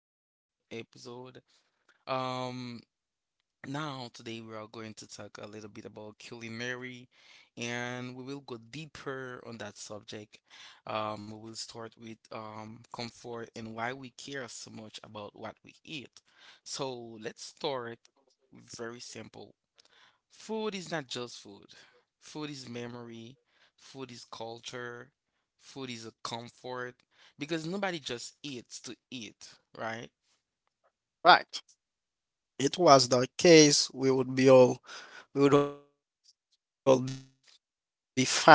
to this new episode. Um, now today we are going to talk a little bit about culinary, and we will go deeper on that subject. We will start with comfort and why we care so much about what we eat. So let's start very simple. Food is not just food. Food is memory, food is culture, food is a comfort because nobody just eats to eat, right?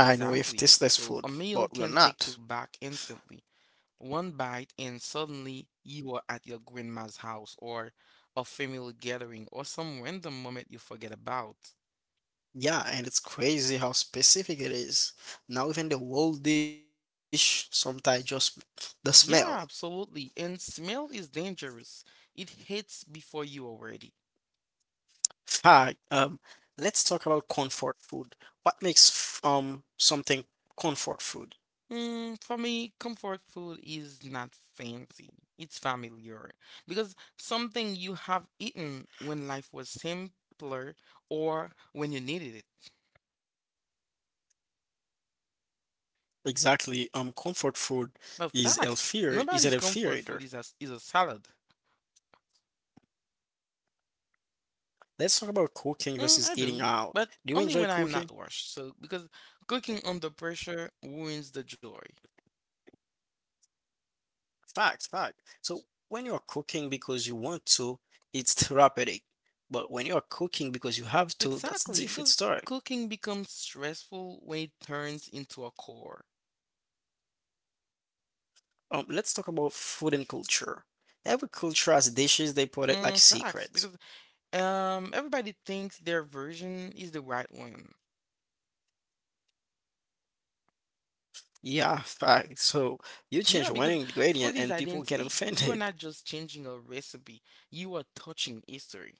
Exactly. So a meal can take you back instantly. One bite and suddenly you are at your grandma's house or a family gathering or some random moment you forget about. Yeah, absolutely. And smell is dangerous. It hits before you are ready. For me, comfort food is not fancy. It's familiar because something you have eaten when life was simpler or when you needed it. But facts, nobody's comfort food is a salad. I do, but only when I am not rushed. So because cooking under pressure ruins the joy. Exactly, because cooking becomes stressful when it turns into a chore. Facts, because everybody thinks their version is the right one. Yeah, because food is identity. You are not just changing a recipe, you are touching history.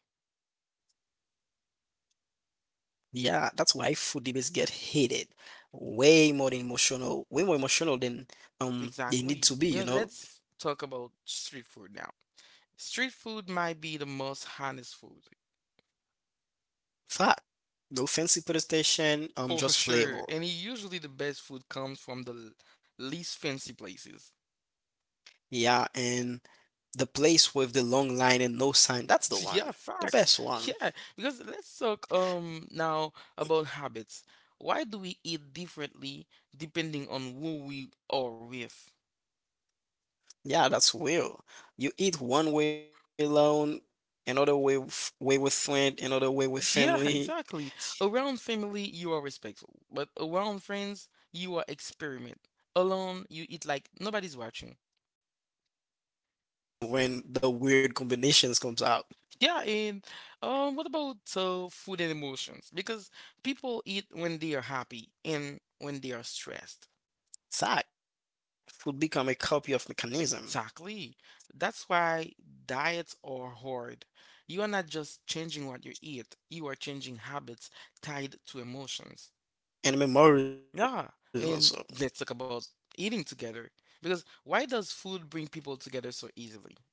Exactly. You know, let's talk about street food now. Street food might be the most honest food, for sure, and usually the best food comes from the least fancy places. Yeah, facts. Yeah, because let's talk now about habits. Why do we eat differently depending on who we are with? Yeah, exactly. Around family, you are respectful, but around friends, you are experiment. Alone, you eat like nobody's watching. Yeah, and what about food and emotions? Because people eat when they are happy and when they are stressed. Exactly. That's why diets are hard. You are not just changing what you eat, you are changing habits tied to emotions. Yeah. And let's talk about eating together. Because why does food bring people together so easily?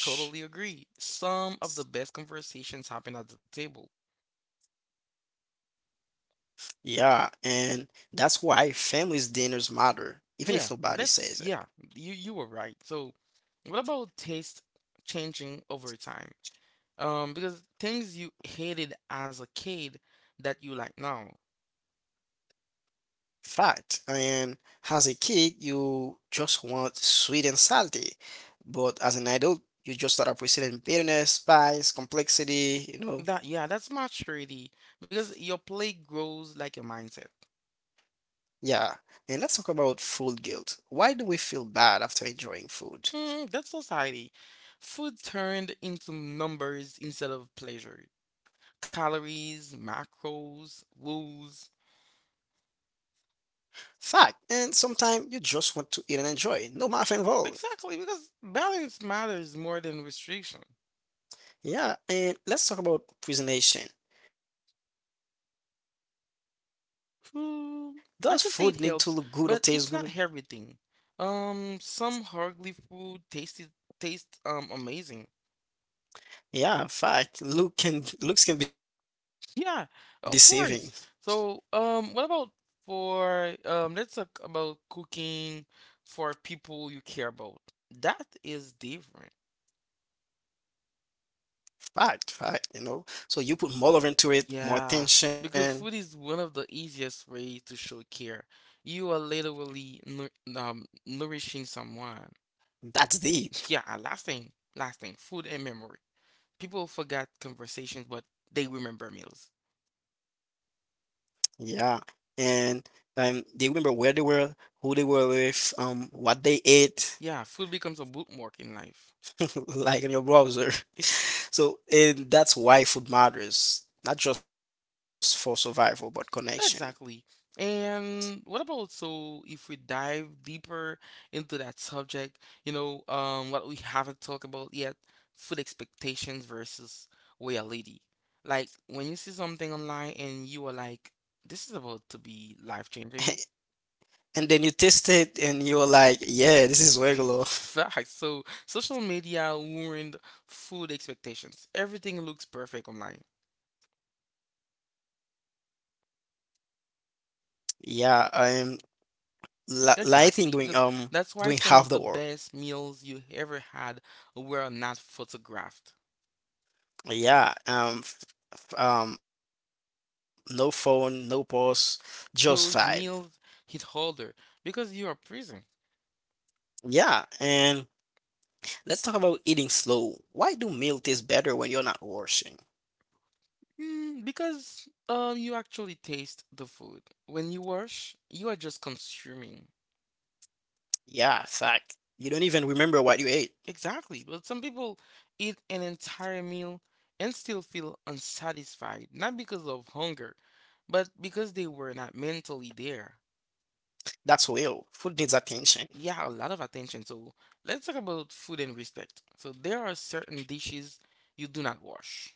Totally agree. Some of the best conversations happen at the table. Yeah, yeah, you were right. So, what about taste changing over time? Because things you hated as a kid that you like now. That Yeah, that's maturity because your play grows like your mindset. That's society. Food turned into numbers instead of pleasure. Calories, macros, rules. Exactly, because balance matters more than restriction. Hmm, I can say it helps, but it's not everything. Some hardly food taste amazing. Yeah, of course. So, what about for let's talk about cooking for people you care about. That is different. Yeah, because food is one of the easiest way to show care. You are literally nu nourishing someone. Yeah, and last thing, food and memory. People forget conversations, but they remember meals. Yeah, food becomes a bookmark in life. Exactly. And what about, so if we dive deeper into that subject, what we haven't talked about yet, food expectations versus reality. Like when you see something online and you are like, this is about to be life changing. Fact. So social media ruined food expectations. Everything looks perfect online. Exactly, because that's why some of the best meals you ever had were not photographed, those meals hit harder because you are present. Because you actually taste the food. When you wash, you are just consuming. Exactly. But some people eat an entire meal and still feel unsatisfied, not because of hunger, but because they were not mentally there. Yeah, a lot of attention. So let's talk about food and respect. So there are certain dishes you do not wash.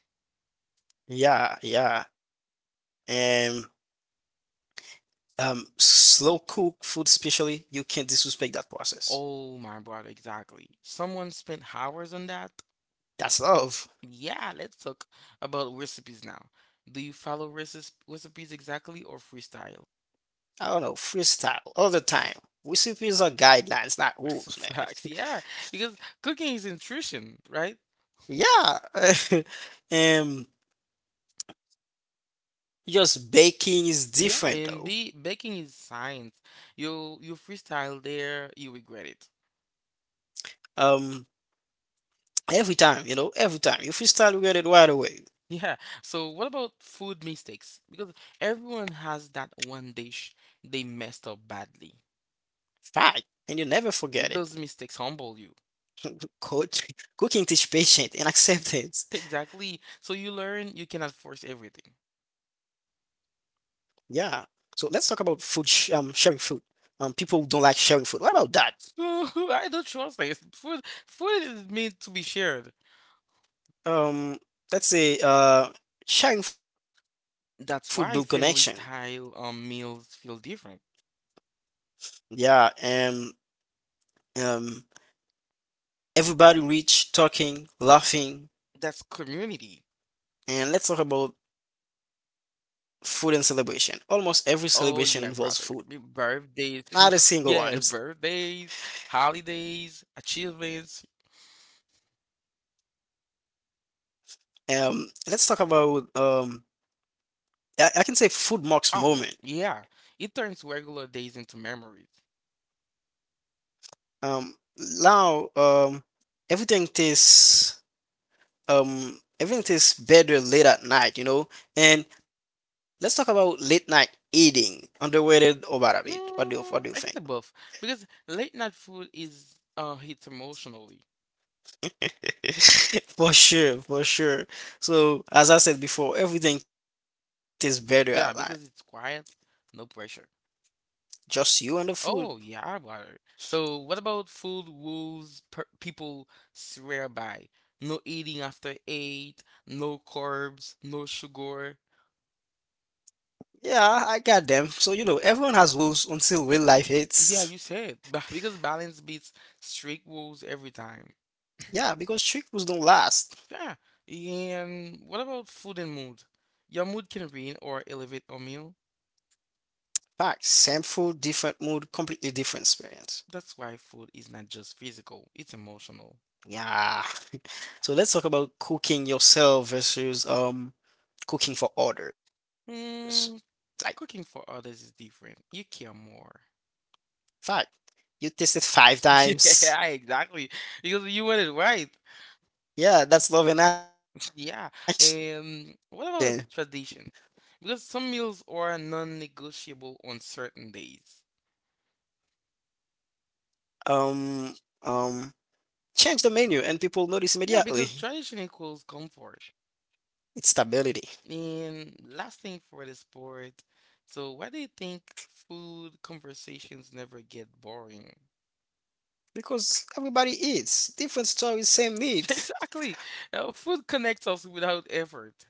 Oh my brother, exactly. Someone spent hours on that. Yeah, let's talk about recipes now. Do you follow recipes exactly or freestyle? Facts, yeah, because cooking is intuition, right? Yeah, and be baking is science. You freestyle there, you regret it. Yeah. So what about food mistakes? Because everyone has that one dish they messed up badly. Those mistakes humble you. Exactly. So you learn you cannot force everything. So, I don't trust this. Food is meant to be shared. That's why family style meals feel different. That's community. Oh yeah, brother. Birthdays, yeah, birthdays, holidays, achievements. Oh yeah, yeah. It turns regular days into memories. Mm, I get the buff because late night food is hits emotionally. Yeah, because it's quiet, no pressure. Oh yeah, I water. So what about food rules per people swear by? No eating after eight, no carbs, no sugar. Yeah, you said, because balance beats strict rules every time. Yeah. And what about food and mood? Your mood can ruin or elevate a meal. That's why food is not just physical, it's emotional. Mm, cooking for others is different. You care more. Yeah, exactly. Because you went it right. Yeah. What about traditions? Because some meals are non-negotiable on certain days. Yeah, because tradition equals comfort and lasting for the sport. So why do you think food conversations never get boring? Exactly. Food connects us without effort.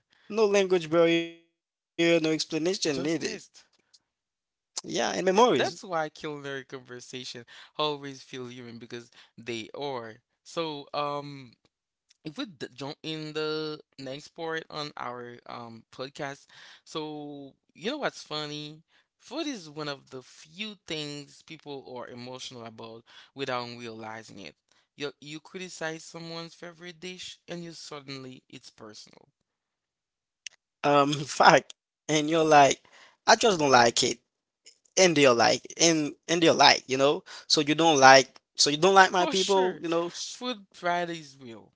Just taste. That's why culinary conversation always feel human because they are. So, if we jump in the next part on our podcast. So, you know what's funny? Food is one of the few things people are emotional about without realizing it. You criticize someone's favorite dish and you suddenly it's personal. For sure, food pride is real.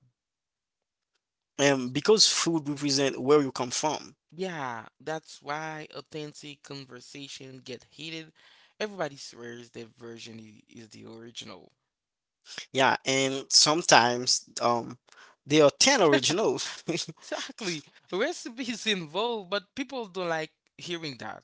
Yeah, that's why authentic conversation get heated. Everybody swears their version is the original. Exactly. Recipes involved, but people don't like hearing that.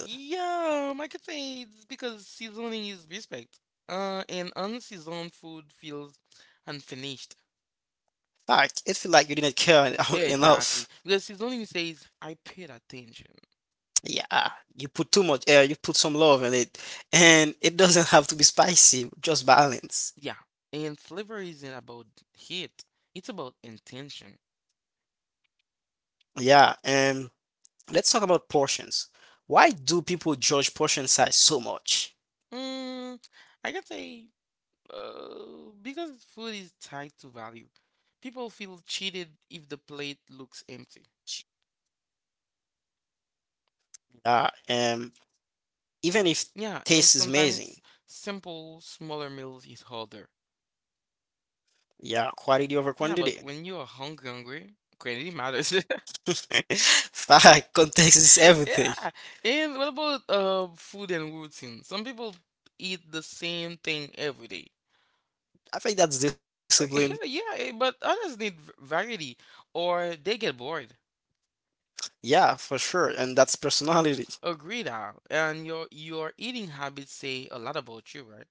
Yeah, I could say it's because seasoning is respect. And unseasoned food feels unfinished. Exactly. Because seasoning says, I paid attention. Yeah. And flavor isn't about heat, it's about intention. Mm, I can say, because food is tied to value, people feel cheated if the plate looks empty. Yeah, and sometimes simple, smaller meals is harder. Yeah, but when you are hungry, hungry, quantity matters. Yeah. And what about food and routine? Some people eat the same thing every day. Like, yeah, eh, but others need variety or they get bored. Agreed, Al. And your eating habits say a lot about you, right?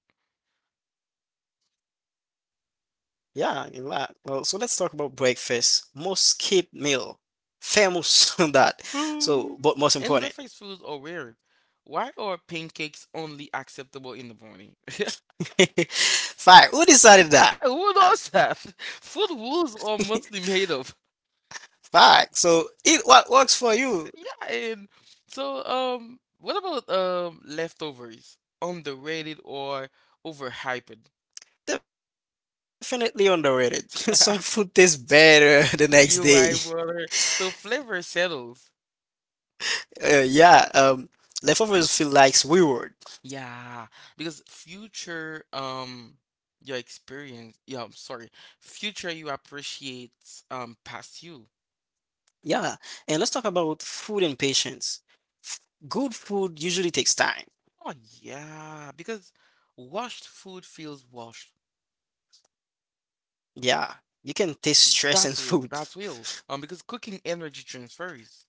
Um, and breakfast foods are weird. Why are pancakes only acceptable in the morning? Who would that? Food rules are mostly made of. So, yeah, and so what about leftovers? Underrated or overhyped? You right, brother. So flavor settles. Yeah, because future your experience. Yeah, I'm sorry. Future you appreciates past you. Oh yeah, because washed food feels washed. That's real. That's real. Because cooking energy transfers.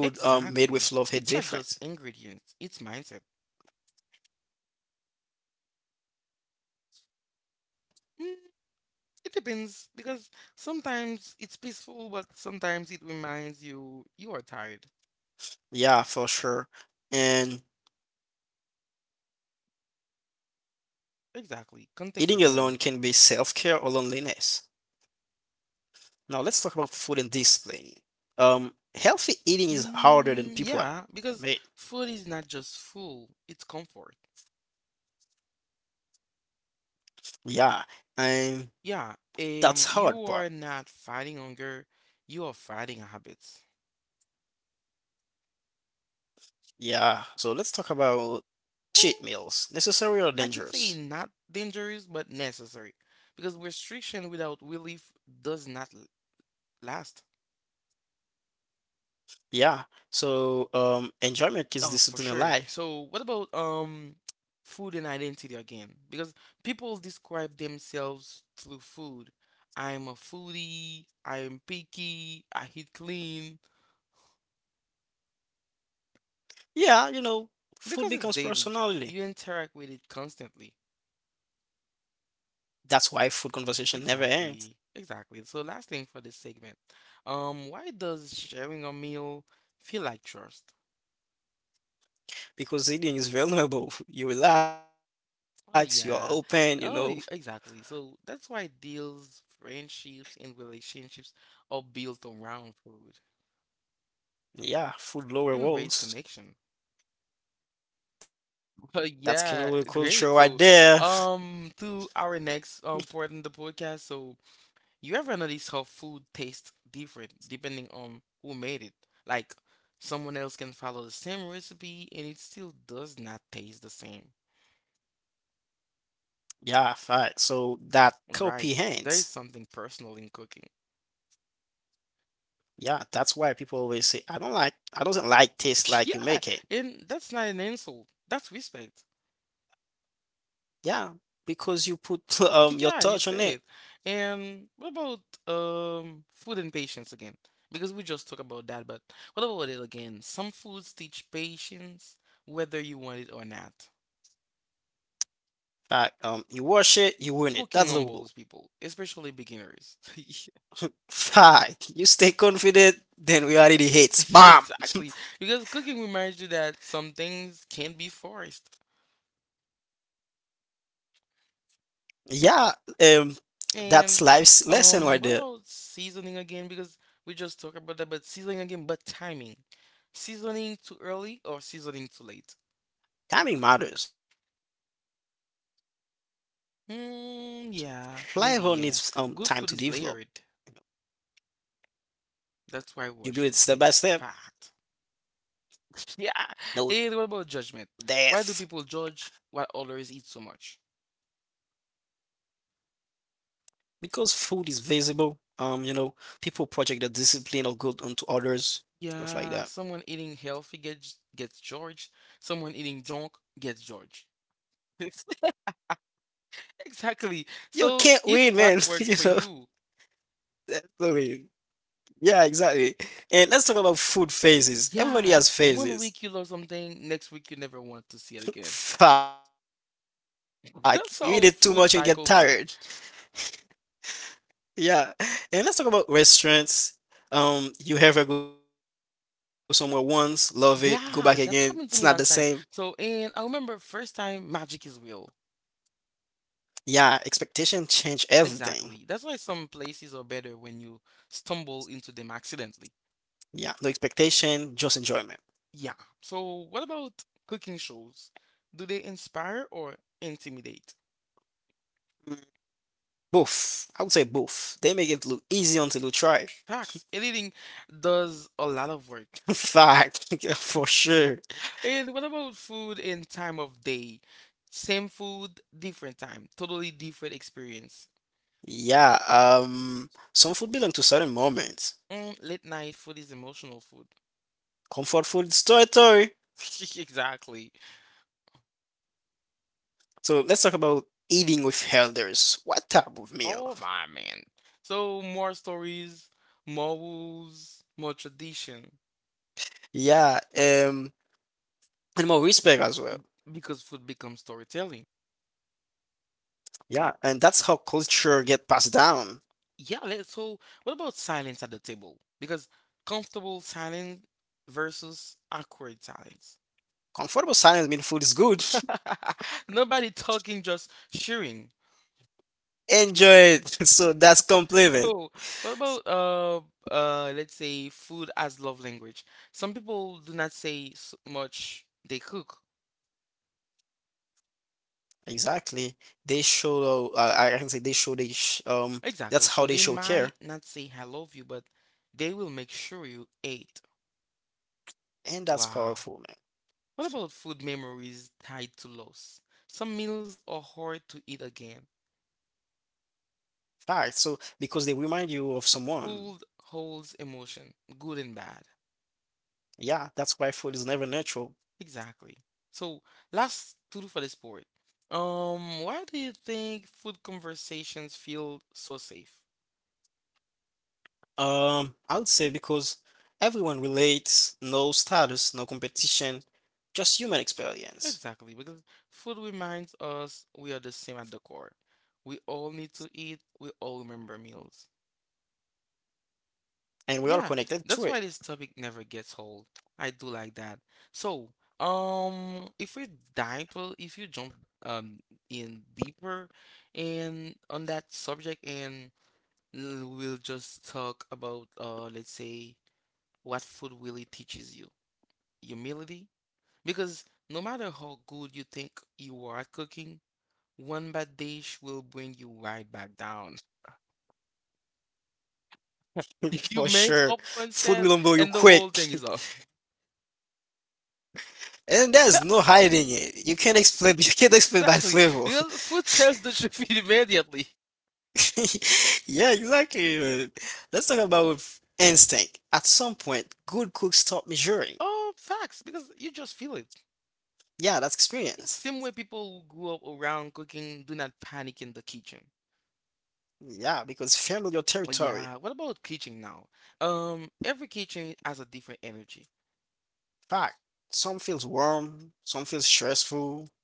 Exactly. It's not just ingredients, it's mindset. Mm, it depends because sometimes it's peaceful, but sometimes it reminds you you are tired. Exactly. Context again. Like, mm, yeah, because food is not just full, it's comfort. Yeah, you are not fighting hunger, you are fighting habits. Mm, I can say not dangerous, but necessary, because restriction without relief does not last. Oh, for sure. So, what about food and identity again? Because people describe themselves through food. I'm a foodie, I'm picky, I eat clean, because it's daily. You interact with it constantly. Exactly. Exactly. So, last thing for this segment. Why does sharing a meal feel like trust? Oh yeah. Oh, exactly. So that's why deals, friendships, and relationships are built around food and raise connection. But yeah, great. So, to our next part in the podcast. So, you ever notice how food tastes different depending on who made it? Like, someone else can follow the same recipe and it still does not taste the same. Right. There is something personal in cooking. Yeah, and that's not an insult. That's respect. Yeah, you say it. And what about food and patience again? Because we just talked about that, but what about it again? Some foods teach patience, whether you want it or not. Cooking humbles people, especially beginners. Yeah, exactly. Because cooking reminds you that some things can not be forced. And what about seasoning again? Because we just talked about that, but seasoning again, but timing. Seasoning too early or seasoning too late? Mm, yeah, maybe, yeah. Good food is layered. That's why Welsh food tastes fat. Yeah. And what about judgment? Why do people judge why others eat so much? Yeah, someone eating healthy gets judged. Someone eating junk gets judged. Exactly. So eat what works for you. Yeah, one week you love something, next week you never want to see it again. That's how food cycles work. Yeah, that's happened to me last time. So, and I remember first time magic is real. Exactly. That's why some places are better when you stumble into them accidentally. Yeah. So, what about cooking shows? Do they inspire or intimidate? Facts. Editing does a lot of work. And what about food and time of day? Same food, different time, totally different experience. Late night food is emotional food. Exactly. Oh my man. So more stories, more rules, more tradition, because food becomes storytelling. Yeah, so what about silence at the table? Because comfortable silence versus awkward silence. Nobody talking, just sharing. So. What about let's say food as love language? Some people do not say s much they cook. Exactly. So they might not say I love you, but they will make sure you ate. Wow. What about food memories tied to loss? Some meals are hard to eat again. Food holds emotion, good and bad. Exactly. So last two for this board. Why do you think food conversations feel so safe? Exactly, because food reminds us we are the same at the core. We all need to eat, we all remember meals. Yeah, that's why this topic never gets old. I do like that. So, if we if you jump um in deeper and on that subject and we'll just talk about let's say what food really teaches you. Humility, because no matter how good you think you are at cooking, one bad dish will bring you right back down. If you mess up one step and the whole thing is off. Exactly. Because food tells the truth immediately. Oh, facts. Because you just feel it. Yeah, same way people who grew up around cooking do not panic in the kitchen. Oh, yeah, what about kitchen now? Every kitchen has a different energy,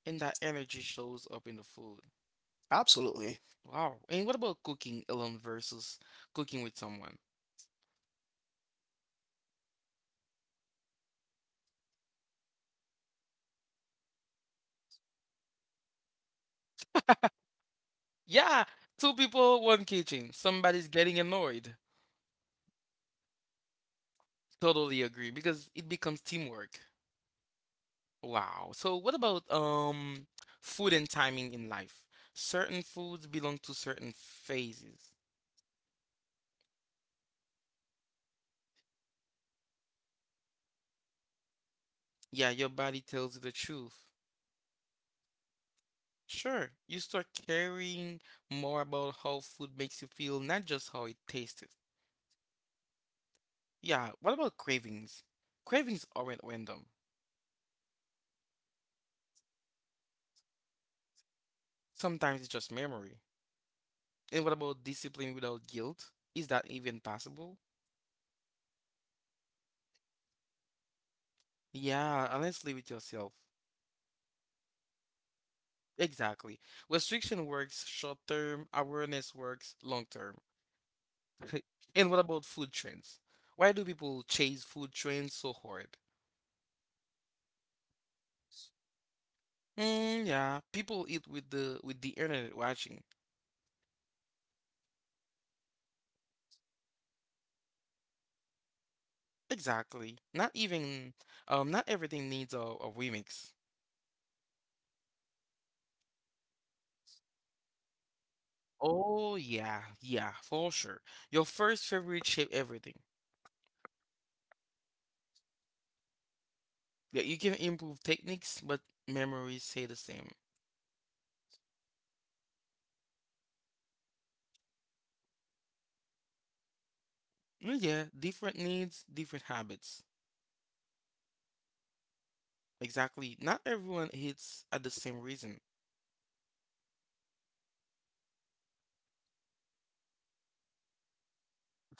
and that energy shows up in the food. Wow. And what about cooking alone versus cooking with someone? Yeah, two people, one kitchen. Somebody's getting annoyed. Totally agree because it becomes teamwork. Wow. So what about food and timing in life? Certain foods belong to certain phases. Yeah, your body tells you the truth. Sure, you start caring more about how food makes you feel, not just how it tasted. Yeah, what about cravings? Cravings aren't random. Sometimes it's just memory. And what about discipline without guilt? Is that even possible? Yeah, and let's live with yourself. Exactly. Restriction works short term, awareness works long term. And what about food trends? Why do people chase food trends so hard? Yeah, people eat with the internet watching. Exactly. Not even not everything needs a remix. Oh yeah, yeah, for sure. Your first favorite shape everything. Yeah, you can improve techniques, but memories stay the same. Yeah, different needs, different habits. Exactly. Not everyone hits at the same reason.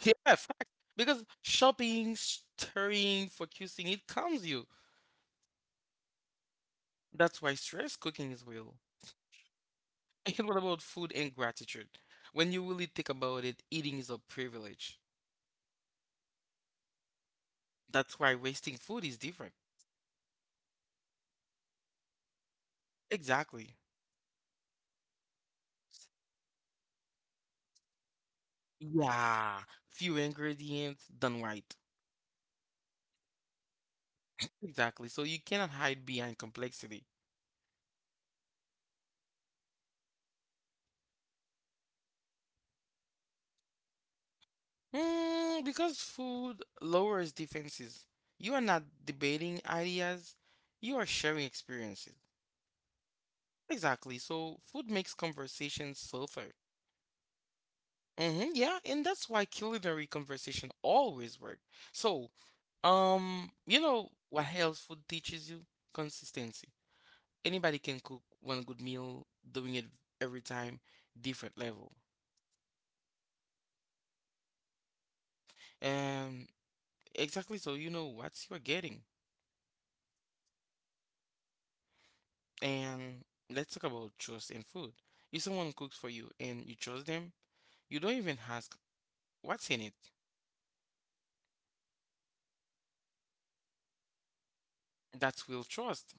Yeah, fact. Because shopping, stirring, focusing, it calms you. That's why stress cooking is real. And what about food and gratitude? When you really think about it, eating is a privilege. That's why wasting food is different. Exactly. Yeah. Few ingredients done right. Exactly. So you cannot hide behind complexity. Because food lowers defenses. You are not debating ideas, you are sharing experiences. Exactly. So food makes conversations softer. Mm-hmm, yeah, and that's why culinary conversation always work. So, you know what else food teaches you? Consistency. Anybody can cook one good meal, doing it every time, different level. Um, exactly. So you know what you're getting. And let's talk about trust in food. If someone cooks for you and you trust them, you don't even ask what's in it. That's real trust.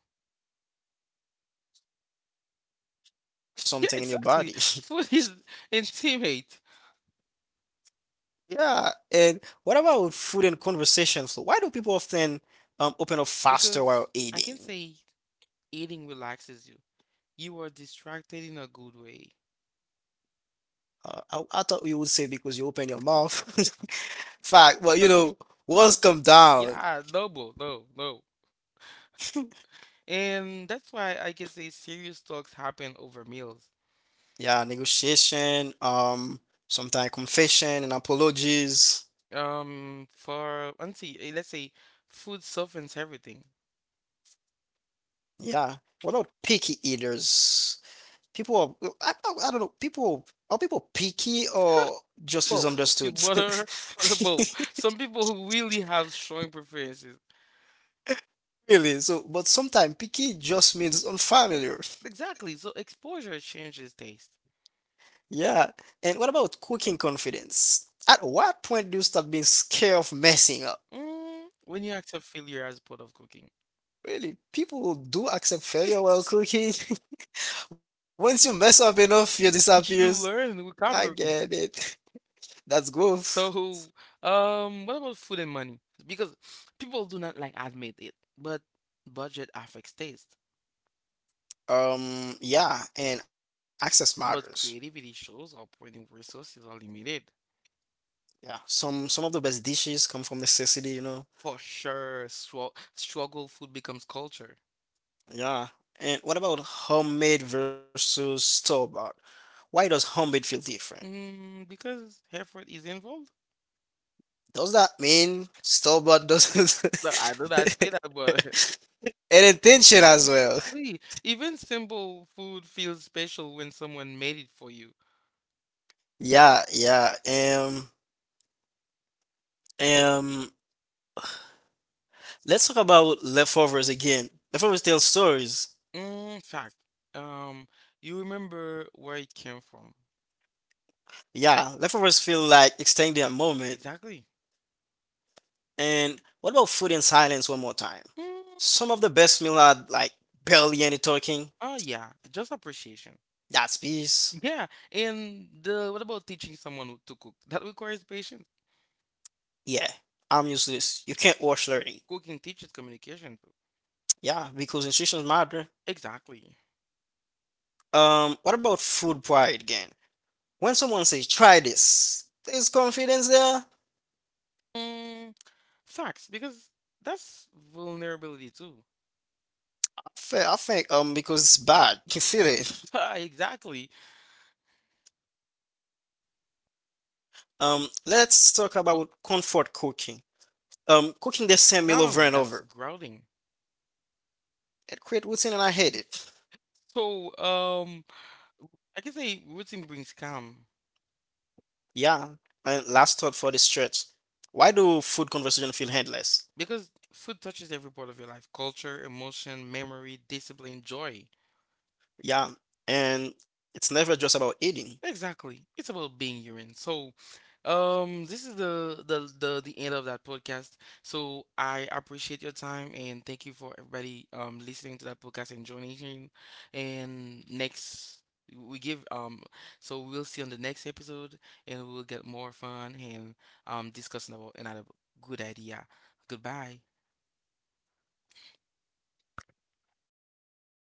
Yeah, Something in your exactly. body. Food is intimate Yeah. And what about with food and conversation flow? Why do people often open up faster while because I can eating? say eating relaxes you. You are distracted in a good way. I thought you would say because you open your mouth. Fact, but you No, know, words come down. yeah, no, bro, no, no. And that's why I can say serious talks happen over meals. Yeah, negotiation, sometimes confession and apologies. For, let's say food softens everything. Yeah. What about picky eaters? People are, I don't know, people, Are people picky or just misunderstood? Both. You butter for the both. Some people who really have strong preferences. Really? So, but sometimes picky just means unfamiliar. Exactly. So exposure changes taste. Yeah. And what about cooking confidence? At what point do you start being scared of messing up? When you accept failure as part of cooking, Really, people do accept failure while cooking. Once you mess up enough, you you disappears. learn I recovery. get it. That's growth. So, what about food and money? Because people do not like admit it, but budget affects taste. Yeah, and access matters. But creativity shows up when resources are limited. Yeah, some of the best dishes come from necessity, you know. For sure, struggle food becomes culture. Yeah. And what about homemade versus store-bought? Why does homemade feel different? Because effort is involved. Does that mean Stobart doesn't No, I know not say that, but and intention as well? actually, even simple food feels special when someone made it for you. Yeah, yeah. Um. Let's talk about leftovers again. Leftovers tell stories. In fact, um, you remember where it came from. Yeah, leftovers feel like extending a moment. Exactly. And what about food in silence one more time? Mm, Some of the best meal are like barely any talking. oh yeah, just appreciation. That's peace. Yeah, and the what about teaching to cook? That requires patience. Yeah, I'm useless. You can't watch learning. Cooking teaches communication too. Yeah, because instructions matter. Exactly. What about food pride again? When someone says try this, there's confidence there. I Mm, facts, because that's vulnerability too. think because it's bad, you feel it. Exactly. Let's talk about comfort cooking. Uh, Cooking the same meal over and over. That's grounding. It creates routine, and I hate it. So, I can say routine brings calm Yeah. And last thought for this stretch: Why do food conversation feel endless? because food touches every part of your life: culture, emotion, memory, discipline, joy. Yeah, and it's never just about eating. Exactly. It's about being human. So, this is the end of that podcast. So I appreciate your time and thank you for everybody listening to that podcast and joining in. And next we give so we'll see on the next episode and we'll get more fun and discussing about another good idea. Goodbye.